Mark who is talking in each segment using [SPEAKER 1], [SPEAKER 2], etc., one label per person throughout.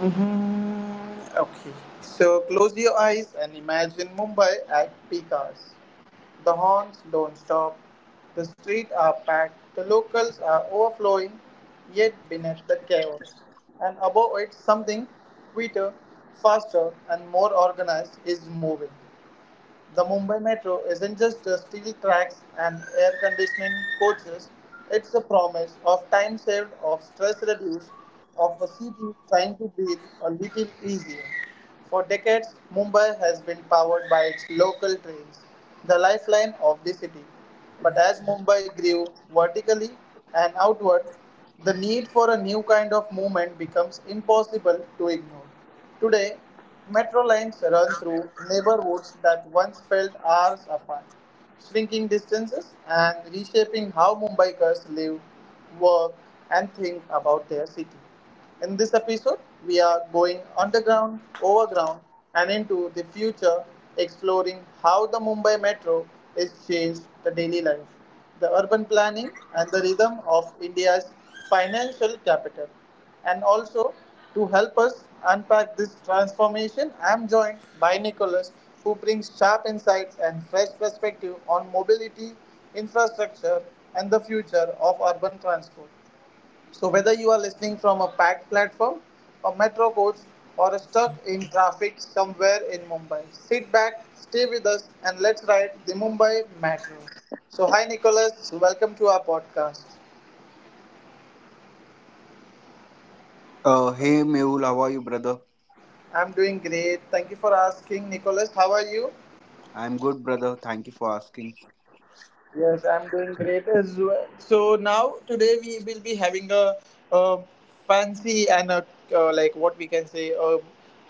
[SPEAKER 1] Mm-hmm. Okay. So close your eyes and imagine Mumbai at peak hours. The horns don't stop. The streets are packed. The locals are overflowing. Yet beneath the chaos and above it, something sweeter, faster, and more organized is moving. The Mumbai Metro isn't just the steel tracks and air conditioning coaches, it's a promise of time saved, of stress reduced, of a city trying to breathe a little easier. For decades, Mumbai has been powered by its local trains, the lifeline of the city. But as Mumbai grew vertically and outward, the need for a new kind of movement becomes impossible to ignore. Today, metro lines run through neighborhoods that once felt hours apart, shrinking distances and reshaping how Mumbaikars live, work, and think about their city. In this episode, we are going underground, overground, and into the future, exploring how the Mumbai metro has changed the daily life, the urban planning, and the rhythm of India's financial capital. And also, to help us unpack this transformation, I am joined by Nicholas, who brings sharp insights and fresh perspective on mobility, infrastructure, and the future of urban transport. So, whether you are listening from a packed platform, a metro coach, or stuck in traffic somewhere in Mumbai, sit back, stay with us, and let's ride the Mumbai Metro. So, hi Nicholas, welcome to our podcast.
[SPEAKER 2] Hey Mule, how are you, brother?
[SPEAKER 1] I'm doing great. Thank you for asking, Nicholas. How are you?
[SPEAKER 2] I'm good, brother. Thank you for asking.
[SPEAKER 1] Yes, I'm doing great as well. So now today we will be having a, uh fancy and a like what we can say a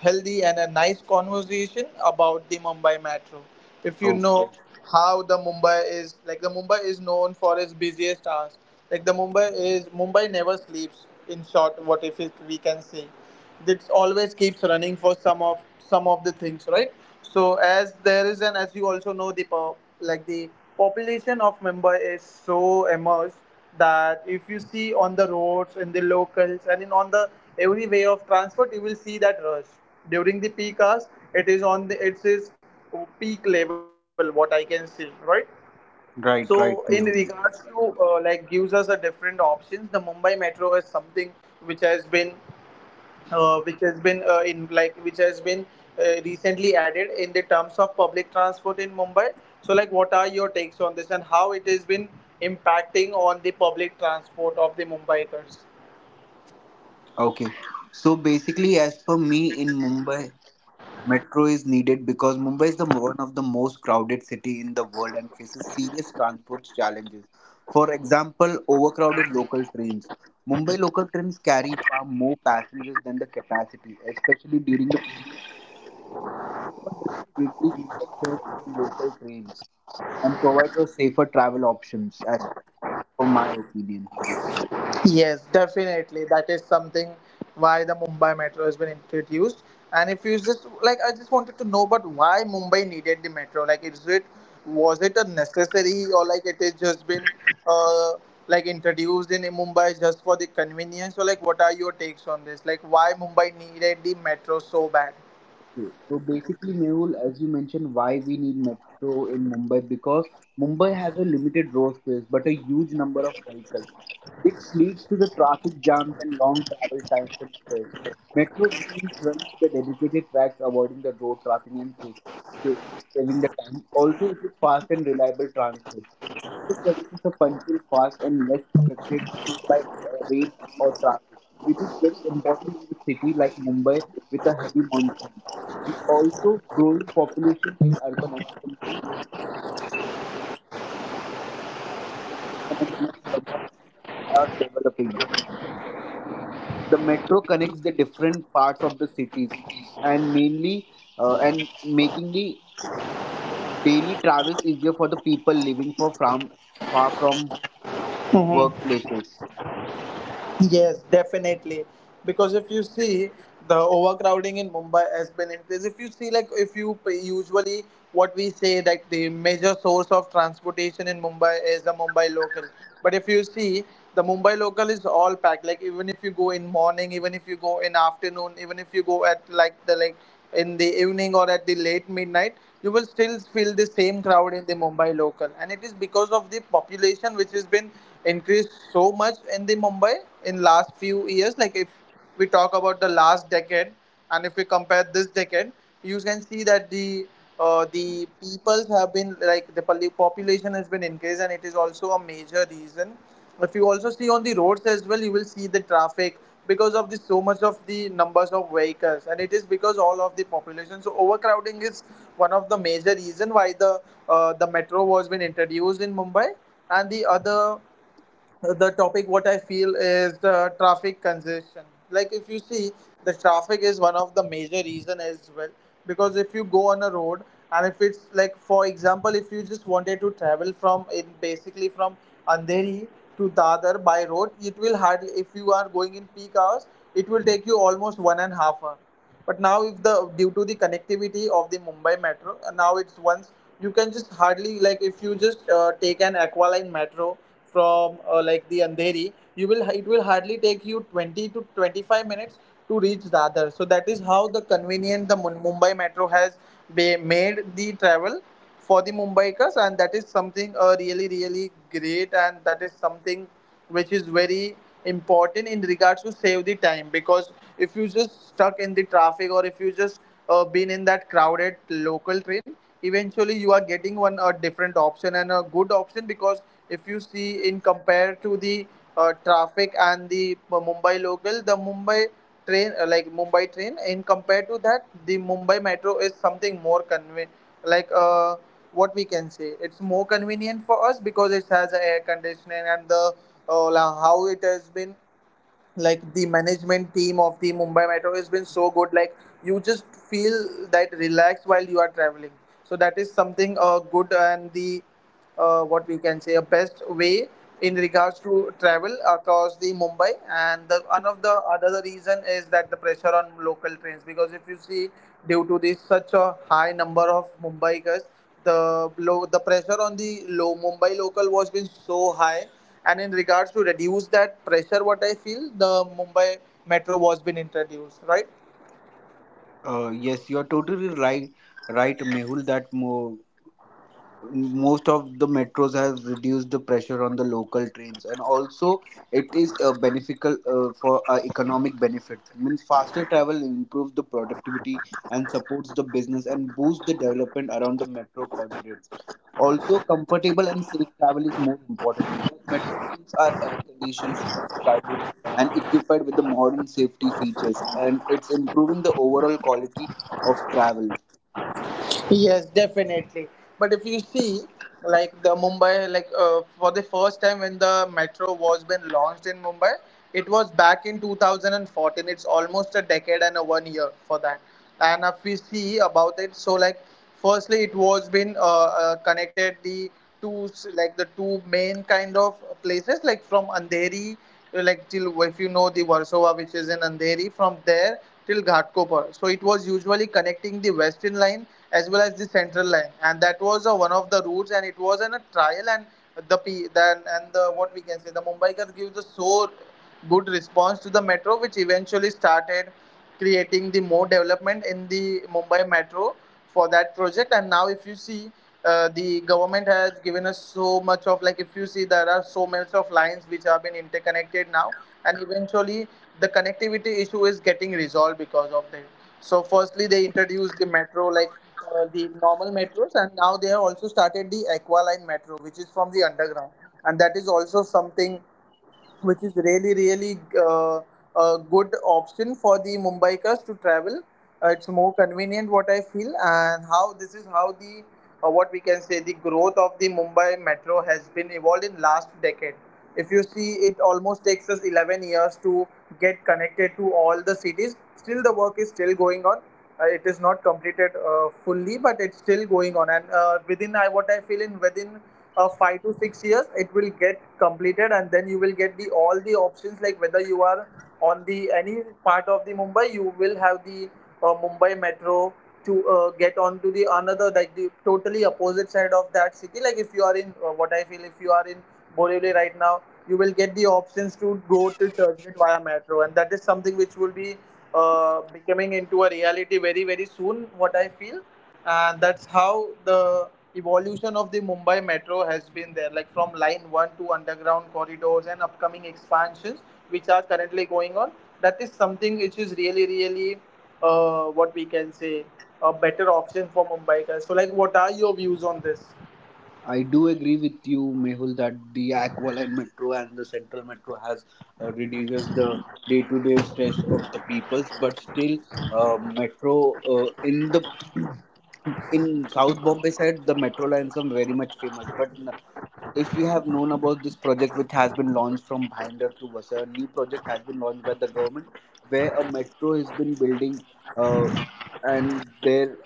[SPEAKER 1] healthy and a nice conversation about the Mumbai Metro. If you
[SPEAKER 2] Oh,
[SPEAKER 1] know how the Mumbai is like the Mumbai is known for its busiest hours. Like the Mumbai is Mumbai never sleeps. In short, what if it, we can say that always keeps running for some of the things, right? So as there is an, as you also know the like the population of Mumbai is so immersed that if you see on the roads, in the locals, and in on the every way of transport, you will see that rush during the peak hours. It is peak level, what I can see, right? So
[SPEAKER 2] right,
[SPEAKER 1] in
[SPEAKER 2] right, Mule.
[SPEAKER 1] regards to like gives us a different options, the Mumbai metro is something which has been, which has been in like which has been recently added in the terms of public transport in Mumbai. So, like, what are your takes on this and how it has been impacting on the public transport of the Mumbaikars?
[SPEAKER 2] Okay. So basically, as per me, in Mumbai, metro is needed because Mumbai is the one of the most crowded city in the world and faces serious transport challenges. For example, overcrowded local trains. Mumbai local trains carry far more passengers than the capacity, especially during the peak. So the metro helps to reduce the pressure on local trains and provides us safer travel options, as, for my opinion.
[SPEAKER 1] Yes, definitely. That is something why the Mumbai Metro has been introduced. And if you just like, I just wanted to know, but why Mumbai needed the metro? Like, is it was it a necessary or like it is just been uh, like introduced in Mumbai just for the convenience? Or like, what are your takes on this? Like, why Mumbai needed the metro so bad?
[SPEAKER 2] Okay, so basically, Mehul, as you mentioned, why we need metro in Mumbai, because Mumbai has a limited road space but a huge number of vehicles, which leads to the traffic jams and long travel times and stress. Metro trains run the dedicated tracks, avoiding the road traffic and sa- saving the time. Also, it is fast and reliable transport. This services are punctual, fast, and less affected by rain or traffic, which is very important in the city like Mumbai with a heavy monsoon. And also, growing population in urban expansion and new suburbs are developing. The metro connects the different parts of the cities and mainly and making the daily travels easier for the people living for from far from workplaces.
[SPEAKER 1] Yes, definitely. Because if you see the overcrowding in Mumbai has been increased. If you see, like, if you usually what we say that the major source of transportation in Mumbai is the Mumbai local. But if you see, the Mumbai local is all packed. Like, even if you go in morning, even if you go in afternoon, even if you go at like the like in the evening or at the late midnight, you will still feel the same crowd in the Mumbai local. And it is because of the population which has been increased so much in the Mumbai in last few years. Like if we talk about the last decade, and if we compare this decade, you can see that the peoples have been like the population has been increased, and it is also a major reason. If you also see on the roads as well, you will see the traffic because of the so much of the numbers of vehicles, and it is because all of the population. So overcrowding is one of the major reason why the metro was been introduced in Mumbai, and the other the topic what I feel is the traffic congestion. Like if you see the traffic is one of the major reason as well, because if you go on a road and if it's like for example if you just wanted to travel from in basically from Andheri to Dadar by road, it will hardly, if you are going in peak hours, it will take you almost 1.5 hour. But now, if the due to the connectivity of the Mumbai metro, now it's once you can just hardly like if you just take an Aqualine metro from like the Andheri, you will it will hardly take you 20 to 25 minutes to reach Dadar. So that is how the convenient the Mumbai metro has made the travel for the Mumbaikars, and that is something really really great, and that is something which is very important in regards to save the time, because if you just stuck in the traffic or if you just been in that crowded local train, eventually you are getting one a different option and a good option. Because if you see in compare to the traffic and the Mumbai local, the Mumbai train in compared to that, the Mumbai metro is something more convenient. Like what we can say, it's more convenient for us because it has a air conditioning and the uh, how it has been like the management team of the Mumbai Metro has been so good. Like you just feel that relaxed while you are traveling. So that is something good, and the what we can say a best way in regards to travel across the Mumbai. And the, one of the other reason is that the pressure on local trains, because if you see due to this such a high number of Mumbaikers, the low the pressure on the low Mumbai local was been so high, and in regards to reduce that pressure, what I feel, the Mumbai Metro was been introduced, right?
[SPEAKER 2] Yes, you are totally right, right, Mehul. Most of the metros have reduced the pressure on the local trains, and also it is a beneficial for economic benefit, means faster travel improves the productivity and supports the business and boosts the development around the metro corridors. Also, comfortable and safe travel is more important because metro trains are air conditioned, less crowded, and equipped with the modern safety features, and it's improving the overall quality of travel.
[SPEAKER 1] Yes, definitely. But if you see, like the Mumbai, like for the first time when the metro was been launched in Mumbai, it was back in 2014. It's almost a decade and a 1 year for that. And if we see about it, so like firstly, it was been connected the like the two main kind of places like from Andheri like till if you know the Warsaw which is in Andheri, from there till Ghatkopar. So it was usually connecting the western line as well as the central line, and that was one of the routes and it was in a trial. And the p then and the what we can say the Mumbaikars gives a so good response to the metro, which eventually started creating the more development in the Mumbai metro for that project. And now if you see the government has given us so much of like if you see there are so much of lines which have been interconnected now, and eventually the connectivity issue is getting resolved because of that. So firstly they introduced the metro like the normal metros, and now they have also started the Aqualine metro, which is from the underground, and that is also something which is really really uh, a good option for the Mumbaikars to travel. It's more convenient, what I feel. And how this is how the what we can say the growth of the Mumbai metro has been evolved in last decade. If you see, it almost takes us 11 years to get connected to all the cities. Still the work is still going on. It is not completed fully, but it's still going on. And within I what I feel in within 5 to 6 years it will get completed, and then you will get the all the options. Like whether you are on the any part of the Mumbai, you will have the Mumbai metro to get on to the another like the totally opposite side of that city. Like if you are in what I feel if you are in Borivali right now, you will get the options to go to Churchgate via metro, and that is something which will be becoming into a reality very very soon, what I feel. And that's how the evolution of the Mumbai metro has been there, like from line one to underground corridors and upcoming expansions, which are currently going on. That is something which is really, really, what we can say, a better option for Mumbaikars. So, like, what are your views on this?
[SPEAKER 2] I do agree with you, Mehul, that the Aqualine Metro and the Central Metro has reduces the day-to-day stress of the peoples, but still, metro in the in South Bombay side, the metro lines are very much famous. If you have known about this project, which has been launched from Bhinder to Vasa, a new project has been launched by the government, where a metro has been building, uh, and there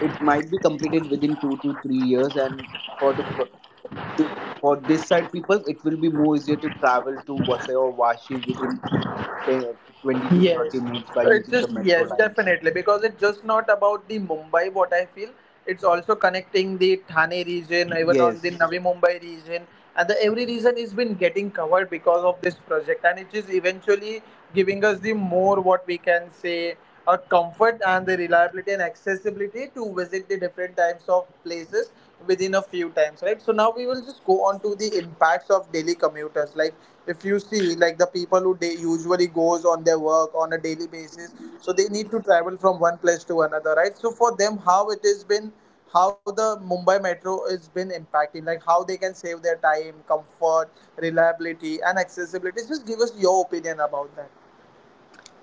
[SPEAKER 2] it might be completed within 2 to 3 years. And for the b- the- for this side people, it will be more easier to travel to Vasai or Vashi within 10 20 to 30
[SPEAKER 1] Yes,
[SPEAKER 2] minutes by
[SPEAKER 1] it
[SPEAKER 2] using the
[SPEAKER 1] just
[SPEAKER 2] metro
[SPEAKER 1] yes,
[SPEAKER 2] lines.
[SPEAKER 1] definitely because it's just not about the Mumbai. What I feel, it's also connecting the Thane region, even on the
[SPEAKER 2] Yes,
[SPEAKER 1] Navi Mumbai region, and the every region is been getting covered because of this project, and it is eventually giving us the more, what we can say, a comfort and the reliability and accessibility to visit the different types of places within a few times, right? So now we will just go on to the impacts of daily commuters. Like, if you see, like the people who they usually goes on their work on a daily basis, so they need to travel from one place to another, right? So for them, how the Mumbai metro has been impacting, like how they can save their time, comfort, reliability and accessibility. Just give us your opinion about that.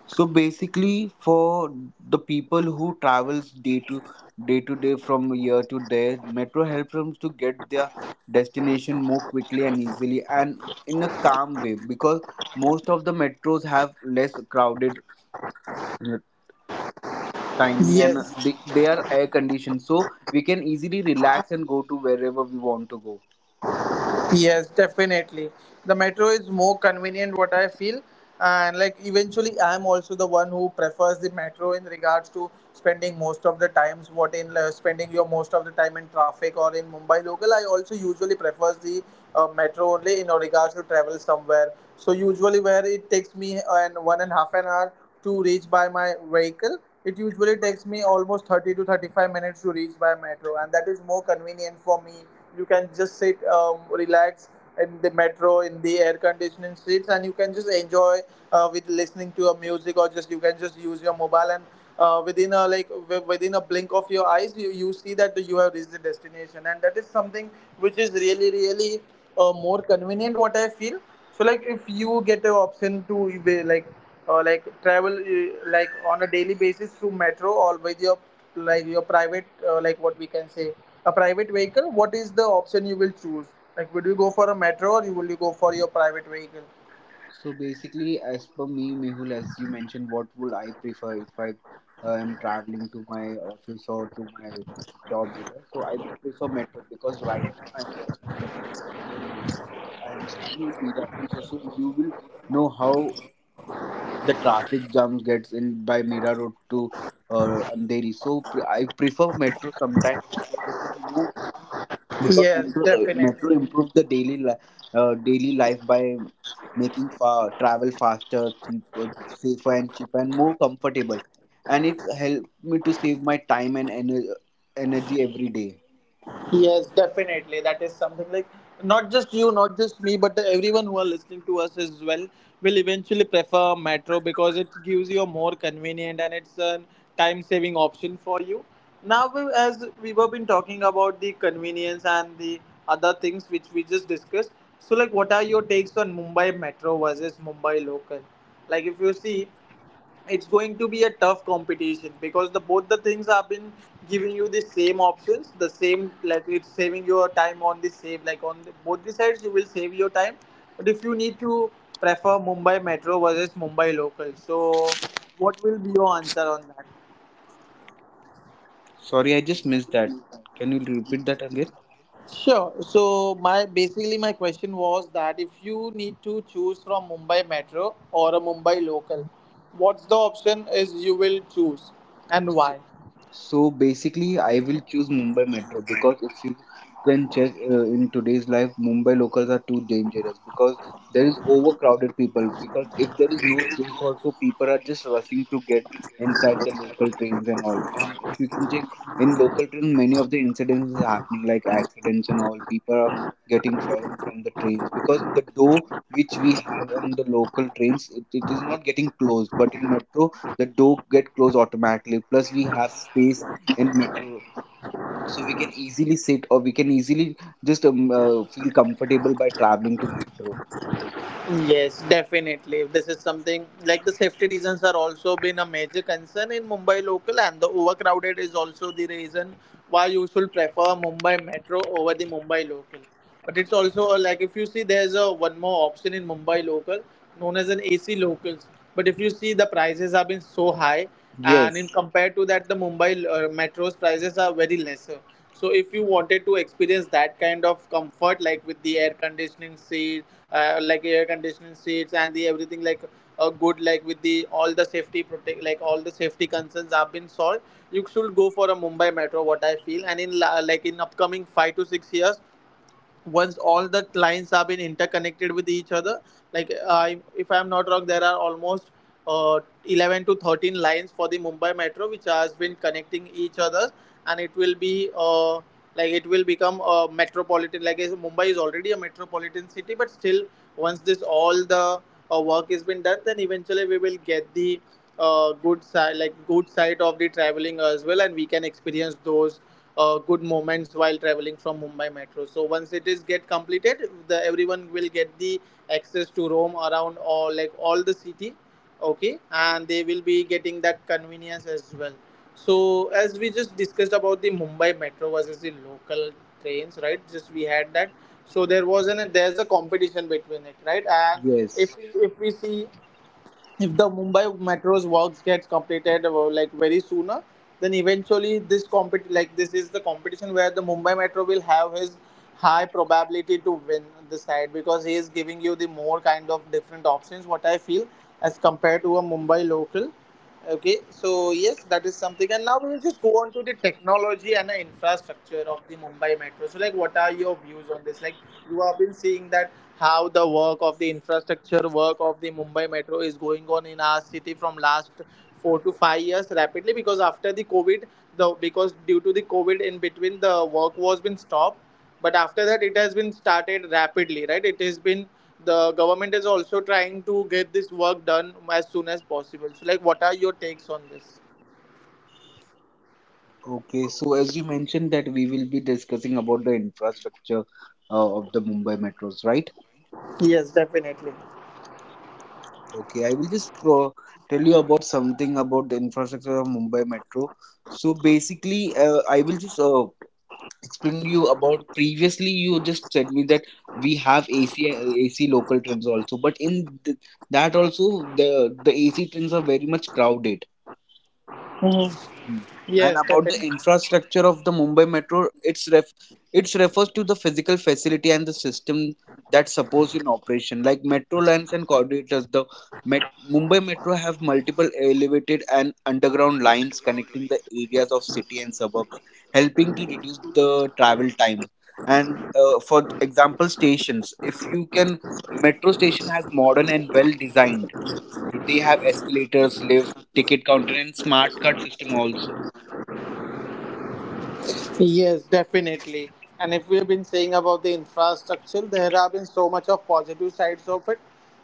[SPEAKER 2] so basically for the people who travels day to day from year to day, metro helps them to get their destination more quickly and easily and in a calm way, because most of the metros have less crowded timing, and
[SPEAKER 1] Yes.
[SPEAKER 2] they are air conditioned, so we can easily relax and go to wherever we want to go.
[SPEAKER 1] Yes, definitely. The metro is more convenient, what I feel. And like eventually, I'm also the one who prefers the metro in regards to spending most of the times, what in spending your most of the time in traffic or in Mumbai local. I also usually prefers the metro only in regards to travel somewhere. So usually, where it takes me an 1 and half an hour to reach by my vehicle, it usually takes me almost 30 to 35 minutes to reach by metro, and that is more convenient for me. You can just sit, relax in the metro in the air conditioning seats, and you can just enjoy with listening to a music, or just you can just use your mobile and, within a like within a blink of your eyes, you see that you have reached the destination, and that is something which is really, really, more convenient, what I feel. So like, if you get an option to be like travel like on a daily basis through metro, or with your like your private, like what we can say, a private vehicle, what is the option you will choose? Like, would you go for a metro, or you will you go for your private vehicle?
[SPEAKER 2] So basically, as per me, Mehul, as you mentioned, what would I prefer? If I am traveling to my office or to my job area, so I will prefer metro because right now I'm working in Andheri area, so I am staying in Mira Road, so, so you will know how the traffic jams gets in by Mira Road to Andheri. I prefer metro sometimes because it is more, because
[SPEAKER 1] Yes,
[SPEAKER 2] metro, metro
[SPEAKER 1] definitely.
[SPEAKER 2] improved the daily daily life by making travel faster, cheaper, safer, and cheaper, and more comfortable, and it's helped me to save my time and energy every day.
[SPEAKER 1] Yes, definitely. That is something like, not just you, not just me, but everyone who are listening to us as well will eventually prefer metro, because it gives you a more convenient and it's a time saving option for you. Now, as we were been talking about the convenience and the other things which we just discussed. So, like, what are your takes on Mumbai metro versus Mumbai local? Like, if you see, it's going to be a tough competition, because the both the things have been giving you the same options, the same, like it's saving your time on the save, like on both the sides you will save your time. But if you need to prefer Mumbai metro versus Mumbai local, so what will be your answer on that?
[SPEAKER 3] Sorry, I just missed that. Can you repeat that again?
[SPEAKER 1] Sure. So my basically my question was that, if you need to choose from Mumbai Metro or a Mumbai local, what's the option is you will choose, and
[SPEAKER 3] So,
[SPEAKER 1] why?
[SPEAKER 3] so basically, I will choose Mumbai Metro because if you can check in today's life, Mumbai locals are too dangerous because there is overcrowded people. Because if there is no space, also people are just rushing to get inside the local trains and all. And if you can check in local train, many of the incidents is happening like accidents and all. People are getting fallen from the trains because the door which we have on the local trains it is not getting closed, but in metro the door get closed automatically, plus we have space in metro, so we can easily sit or we can easily just feel comfortable by traveling to metro.
[SPEAKER 1] Yes, definitely. This is something like the safety reasons are also been a major concern in Mumbai local, and the overcrowded is also the reason why you should prefer Mumbai Metro over the Mumbai local. But it's also, like if you see, there's a one more option in Mumbai local known as an AC locals. But if you see, the prices have been so high, and in
[SPEAKER 3] Yes.
[SPEAKER 1] compared to that, the Mumbai metro's prices are very lesser. So if you wanted to experience that kind of comfort, like with the air conditioning seat, like air conditioning seats, and the everything, like a good, like with the all the safety protect, like all the safety concerns have been solved, you should go for a Mumbai metro, what I feel. And in like in upcoming 5 to 6 years, once all the lines have been interconnected with each other, like if I'm not wrong, there are almost uh, 11 to 13 lines for the Mumbai metro which has been connecting each other, and it will be like it will become a metropolitan, like Mumbai is already a metropolitan city, but still, once this all the work has been done, then eventually we will get the good side, like good side of the traveling as well, and we can experience those good moments while traveling from Mumbai metro. So once it is get completed, the everyone will get the access to roam around all, like all the city, okay, and they will be getting that convenience as well. So as we just discussed about the Mumbai metro versus the local trains, right? Just we had that. So there was an there's a competition between it, right? And if
[SPEAKER 3] Yes.
[SPEAKER 1] if we see, if the Mumbai Metro's works gets completed like very sooner, then eventually this is the competition where the Mumbai Metro will have his high probability to win this side, because he is giving you the more kind of different options, what I feel, as compared to a Mumbai local. Okay, so yes, that is something. And now we will just go on to the technology and the infrastructure of the Mumbai Metro. So, like, what are your views on this? Like, you have been seeing that how the work of the infrastructure work of the Mumbai Metro is going on in our city from last 4 to 5 years rapidly, because after the COVID, the because due to the COVID in between the work was been stopped, but after that it has been started rapidly, right? It has been, the government is also trying to get this work done as soon as possible. So like, what are your takes on this?
[SPEAKER 3] Okay, so as you mentioned that we will be discussing about the infrastructure of the Mumbai metros, right?
[SPEAKER 1] Yes, definitely.
[SPEAKER 3] Okay, I will just tell you about something about the infrastructure of Mumbai Metro. So basically, I will just explained you about previously you just said me that we have AC local trains also, but in th- that also the the AC trains are very much crowded.
[SPEAKER 1] Mhm.
[SPEAKER 3] Mm. And
[SPEAKER 1] Yes,
[SPEAKER 3] about the
[SPEAKER 1] definitely.
[SPEAKER 3] infrastructure of the Mumbai Metro, it's refers to the physical facility and the system that supports in operation, like metro lines and corridors. The Met Mumbai Metro have multiple elevated and underground lines connecting the areas of city and suburbs, helping to reduce the travel time. And for example, stations. If you can, a metro station has modern and well designed. They have escalators, lift, ticket counter, and smart card system also.
[SPEAKER 1] Yes, definitely. And if we've been saying about the infrastructure, there have been so much of positive sides of it.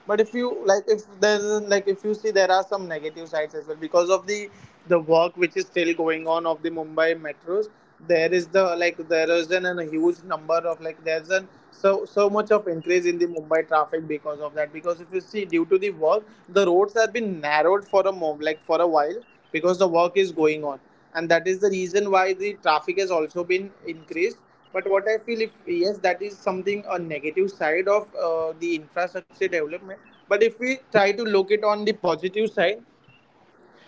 [SPEAKER 1] But if you like, if there's like, if you see, there are some negative sides as well, because of the work which is still going on of the Mumbai metros. There is the like there is an a huge number of, like there's an so so much of increase in the Mumbai traffic because of that. Because if you see, due to the work, the roads have been narrowed for a moment, like for a while, because the work is going on, and that is the reason why the traffic has also been increased. But what I feel, if, yes, that is something, a negative side of the infrastructure development. But if we try to look it on the positive side,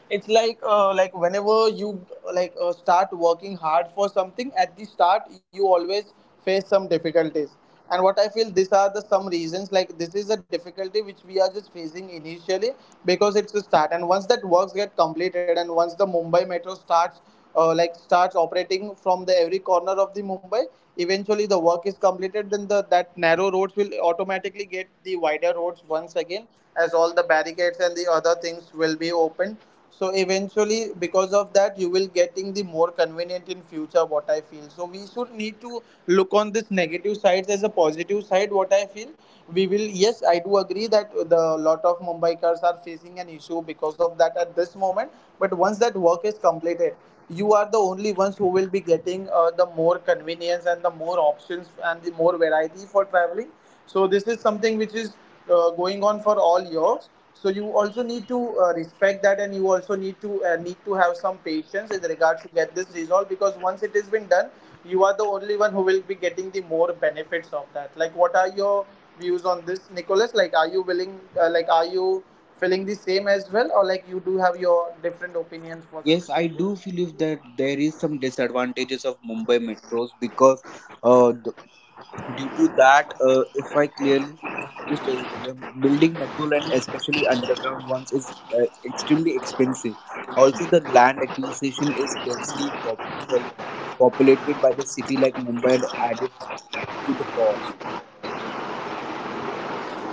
[SPEAKER 1] it's like, like whenever you, like start working hard for something at the start, you always face some difficulties. And what I feel, these are the some reasons, like this is a difficulty which we are just facing initially, because it's a start. And once that works get completed, and once the Mumbai metro starts, like starts operating from the every corner of the Mumbai, eventually the work is completed, then the that narrow roads will automatically get the wider roads once again, as all the barricades and the other things will be opened. So eventually, because of that, you will getting the more convenient in future, what I feel. So we should need to look on this negative sides as a positive side, what I feel. We will, yes, I do agree that the lot of Mumbai are facing an issue because of that at this moment. But once that work is completed, you are the only ones who will be getting the more convenience and the more options and the more variety for traveling. So this is something which is going on for all years. So you also need to respect that, and you also need to have some patience in regards to get this resolved, because once it has been done, you are the only one who will be getting the more benefits of that. Like, what are your views on this, Nicholas? Like, are you willing, like are you feeling the same as well, or like you do have your different opinions for
[SPEAKER 3] Yes,
[SPEAKER 1] this?
[SPEAKER 3] I do believe that there is some disadvantages of Mumbai metros because uh, th- due to that, if I clearly just building metro line, especially underground ones, is extremely expensive. Also, the land acquisition is polluted- populated by the city like Mumbai and added to the cost.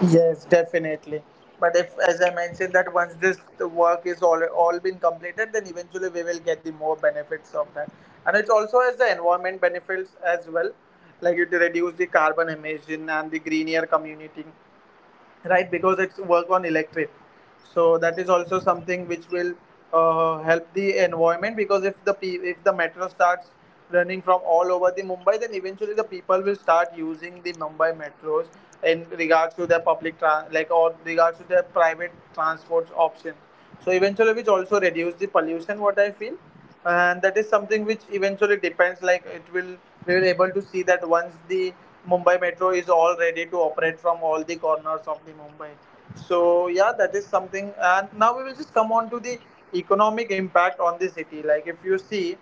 [SPEAKER 1] Yes, definitely. But if, as I mentioned, that once this work is all been completed, then eventually we will get the more benefits of that, and it also has the environment benefits as well, like it reduce the carbon emission and the greener air community, right? Because it's work on electric, so that is also something which will help the environment. Because if if the metro starts running from all over the Mumbai, then eventually the people will start using the Mumbai metros in regards to their public trans like or regards to their private transport options, so eventually which also reduce the pollution, what I feel. And that is something which eventually depends, like it will, we will able to see that once the Mumbai Metro is all ready to operate from all the corners of the Mumbai. So yeah, that is something, and now we will just come on to the economic impact on the city. Like if you see,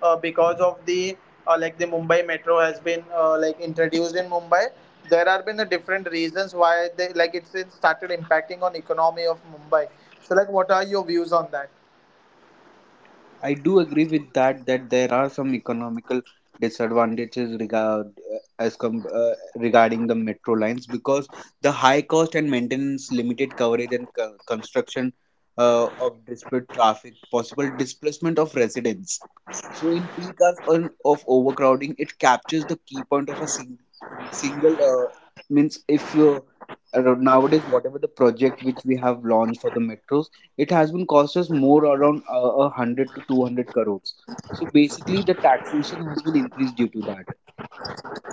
[SPEAKER 1] because of the, like the Mumbai Metro has been like introduced in Mumbai, there have been the different reasons why they, like it started impacting on economy of Mumbai. So like, what are your views on that?
[SPEAKER 3] I do agree with that that there are some economical disadvantages regard as regarding the metro lines because the high cost and maintenance, limited coverage and construction of disparate traffic, possible displacement of residents. So in peak hours on, of overcrowding, it captures the key point of a single means if you nowadays whatever the project which we have launched for the metros, it has been cost us more around 100 to 200 crores. So basically the taxation has been increased due to that.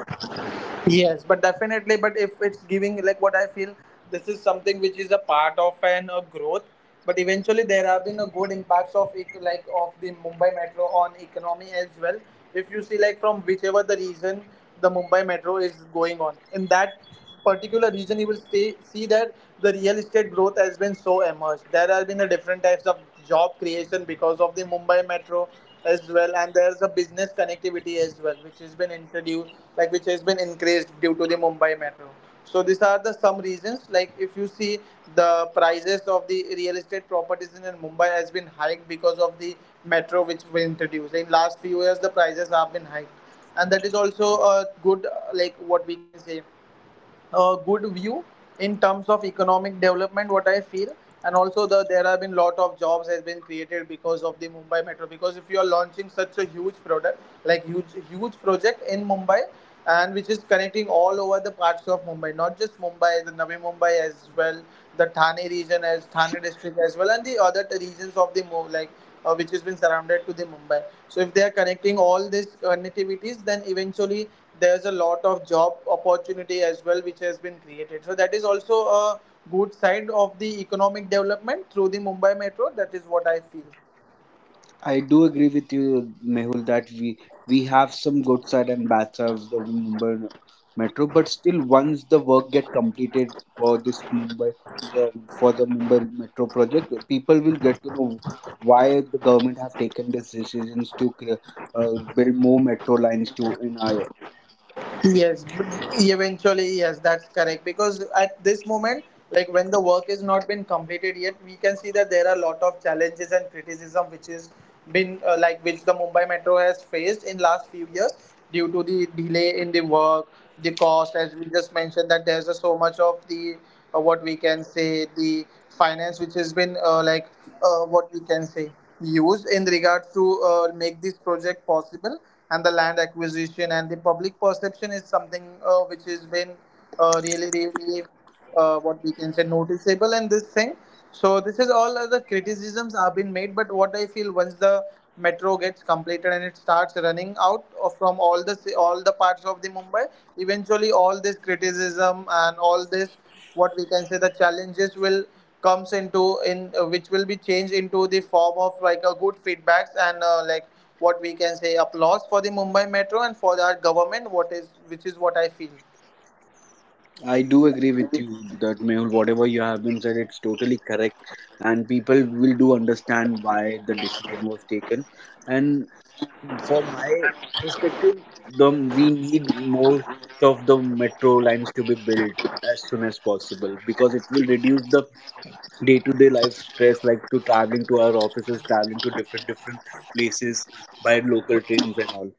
[SPEAKER 1] Yes, but definitely, but if it's giving, like what I feel, this is something which is a part of an a growth. But eventually, there have been a good impacts of like of the Mumbai Metro on economy as well. If you see, like from whichever the reason the Mumbai Metro is going on, in that particular region you will stay, see that the real estate growth has been so emerged. There have been a different types of job creation because of the Mumbai Metro as well, and there's a business connectivity as well which has been introduced, like which has been increased due to the Mumbai Metro. So these are the some reasons. Like if you see, the prices of the real estate properties in Mumbai has been hiked because of the metro which was introduced in last few years, the prices have been hiked. And that is also a good like what we can say a good view in terms of economic development, what I feel. And also the, there have been lot of jobs has been created because of the Mumbai Metro, because if you are launching such a huge product, like huge project in Mumbai, and which is connecting all over the parts of Mumbai, not just Mumbai, the Navi Mumbai as well, the Thane region, as Thane district as well, and the other regions of the like which has been surrounded to the Mumbai. So if they are connecting all these connectivities, then eventually there's a lot of job opportunity as well which has been created. So that is also a good side of the economic development through the Mumbai Metro, that is what I feel.
[SPEAKER 3] I do agree with you Mehul, that we have some good side and bad side of the Mumbai metro, but still once the work get completed for this Mumbai, for for the Mumbai Metro project, people will get to know why the government have taken these decisions to uh, build more metro lines to in our city.
[SPEAKER 1] Yes, but eventually, yes, that's correct. Because at this moment, like when the work is not been completed yet, we can see that there are a lot of challenges and criticism which is been like which the Mumbai Metro has faced in last few years due to the delay in the work, the cost, as we just mentioned that there's a, so much of the what we can say the finance which has been like what we can say used in regards to make this project possible, and the land acquisition and the public perception is something which has been really what we can say noticeable in this thing. So this is all the criticisms have been made, but what I feel, once the metro gets completed and it starts running out of from all all the parts of the Mumbai, eventually all this criticism and all this, what we can say the challenges will comes into in which will be changed into the form of like a good feedbacks and like what we can say applause for the Mumbai Metro and for our government, what is which is what I feel.
[SPEAKER 3] I do agree with you that Mehul, whatever you have been said, it's totally correct, and people will do understand why the decision was taken. And for my perspective, the we need more of the metro lines to be built as soon as possible because it will reduce the day-to-day life stress, like to traveling to our offices, traveling to different different places by local trains and all.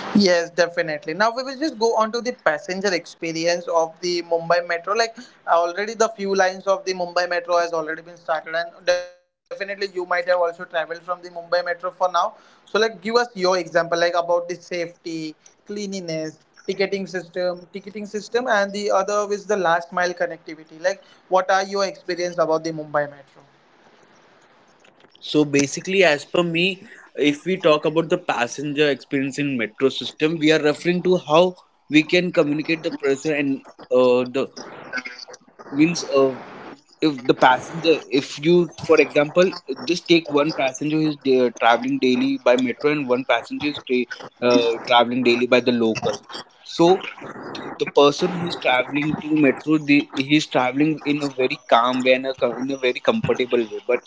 [SPEAKER 1] Yes, definitely. Now we will just go on to the passenger experience of the Mumbai Metro. Like already the few lines of the Mumbai Metro has already been started, and definitely you might have also traveled from the Mumbai Metro for now. So like, give us your example like about the safety, cleanliness, ticketing system, and the other is the last mile connectivity. Like, what are your experience about the Mumbai Metro?
[SPEAKER 3] So basically, as per me, if we talk about the passenger experience in metro system, we are referring to how we can communicate the person and the means if the passenger, if you for example just take one passenger who is traveling daily by metro and one passenger is traveling daily by the local. So the person who is traveling to metro, he is traveling in a very calm way and in a very comfortable way, but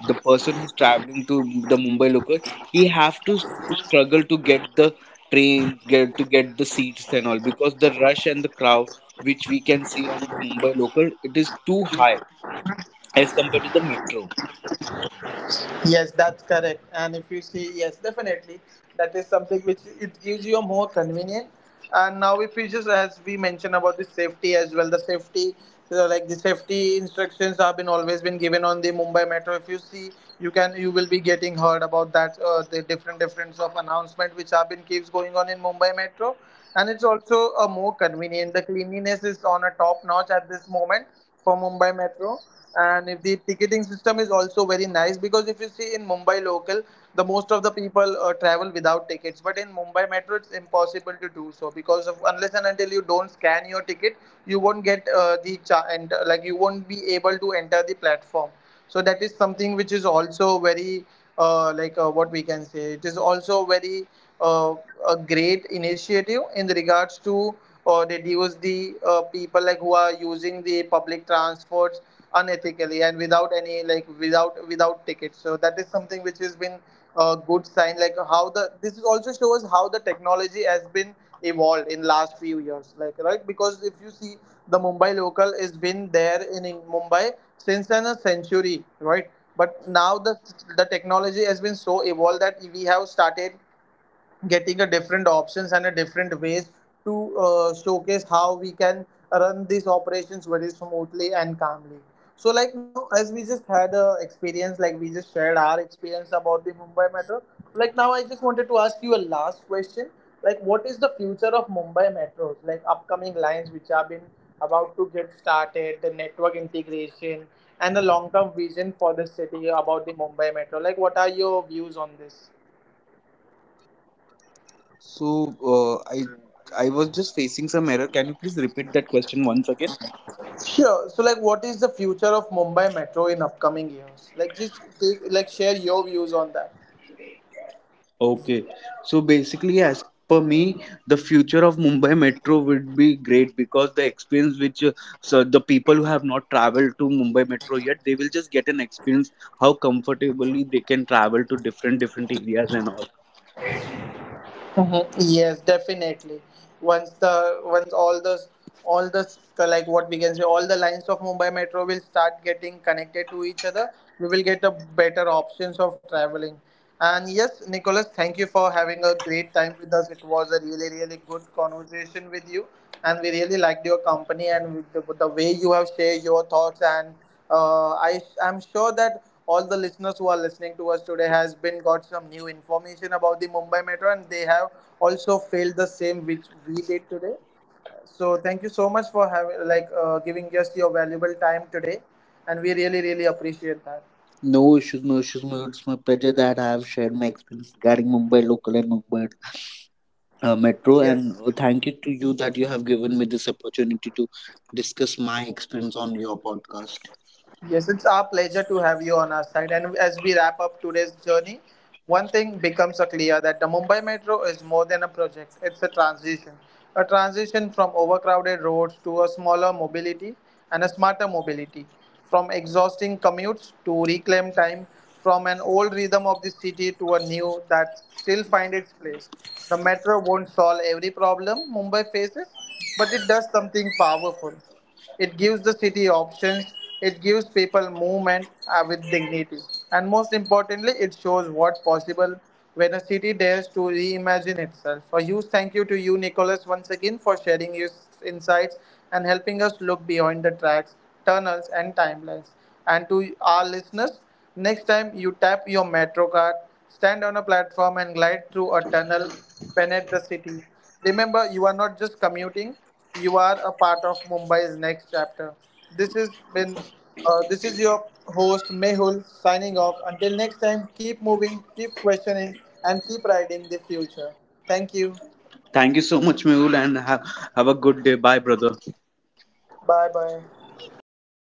[SPEAKER 3] the person who is traveling to the Mumbai local, he have to struggle to get the train get to get the seats and all because the rush and the crowd which we can see on the Mumbai local, it is too high as compared to the metro.
[SPEAKER 1] Yes, that's correct. And if you see, yes, definitely, that is something which it gives you a more convenient. And now, if you just as we mentioned about the safety, so like the safety instructions have been always been given on the Mumbai Metro. If you see, you will be getting heard about that the different difference of announcement which have been keeps going on in Mumbai Metro, and it's also a more convenient. The cleanliness is on a top notch at this moment for Mumbai Metro, and if the ticketing system is also very nice. Because if you see, in Mumbai local the most of the people travel without tickets, but in Mumbai Metro it's impossible to do so, because of, unless and until you don't scan your ticket, you won't get and like you won't be able to enter the platform. So that is something which is also very like what we can say, it is also very uh, a great initiative in regards to reduce the people like who are using the public transports unethically and without any, like without tickets. So that is something which has been a good sign, like how the this is also shows how the technology has been evolved in last few years, like, right? Because if you see, the Mumbai local has been there in Mumbai since an a century, right? But now the technology has been so evolved that we have started getting a different options and a different ways to showcase how we can run these operations very smoothly and calmly. So like now, as we just had a experience, like we just shared our experience about the Mumbai Metro, like now I just wanted to ask you a last question. Like, what is the future of Mumbai metros, like upcoming lines which have been about to get started, the network integration, and the long term vision for the city about the Mumbai Metro, like what are your views on this?
[SPEAKER 3] So I was just facing some error. Can you please repeat that question once again?
[SPEAKER 1] Sure. So, like, what is the future of Mumbai Metro in upcoming years? Like, just take, like share your views on that.
[SPEAKER 3] Okay. So basically, as per me, the future of Mumbai Metro would be great because the experience which so the people who have not traveled to Mumbai Metro yet, they will just get an experience how comfortably they can travel to different different areas and all.
[SPEAKER 1] Mhm. Yes, definitely. Once the, once all the, all the, like what we can say, all the lines of Mumbai Metro will start getting connected to each other, we will get a better options of traveling. And yes, Nicholas, thank you for having a great time with us. It was a really good conversation with you, and we really liked your company, and with the way you have shared your thoughts, and I am sure that all the listeners who are listening to us today has been got some new information about the Mumbai Metro, and they have also failed the same which we did today. So thank you so much for having like giving us your valuable time today, and we really appreciate that.
[SPEAKER 3] No issues, no issues, ma'am. It's my pleasure that I have shared my experience regarding Mumbai local and Mumbai metro. And
[SPEAKER 1] Yes.
[SPEAKER 3] thank you to you that you have given me this opportunity to discuss my experience on your podcast.
[SPEAKER 1] Yes, it's our pleasure to have you on our side. And as we wrap up today's journey, one thing becomes a clear that the Mumbai Metro is more than a project, it's a transition. A transition from overcrowded roads to a smaller mobility and a smarter mobility, from exhausting commutes to reclaimed time, from an old rhythm of the city to a new that still finds its place. The metro won't solve every problem Mumbai faces, but it does something powerful. It gives the city options, it gives people movement with dignity. And most importantly, it shows what possible when a city dares to reimagine itself. A
[SPEAKER 3] Yes.
[SPEAKER 1] huge thank you to you, Nicholas, once again for sharing your insights and helping us look beyond the tracks, tunnels, and timelines. And to our listeners, next time you tap your metro card, stand on a platform, and glide through a tunnel beneath the city. Remember, you are not just commuting; you are a part of Mumbai's next chapter. This has been, this is your host Mehul signing off. Until next time, keep moving, keep questioning, and keep riding the future. Thank you.
[SPEAKER 3] Thank you so much, Mehul, and have a good day. Bye, brother.
[SPEAKER 1] Bye bye.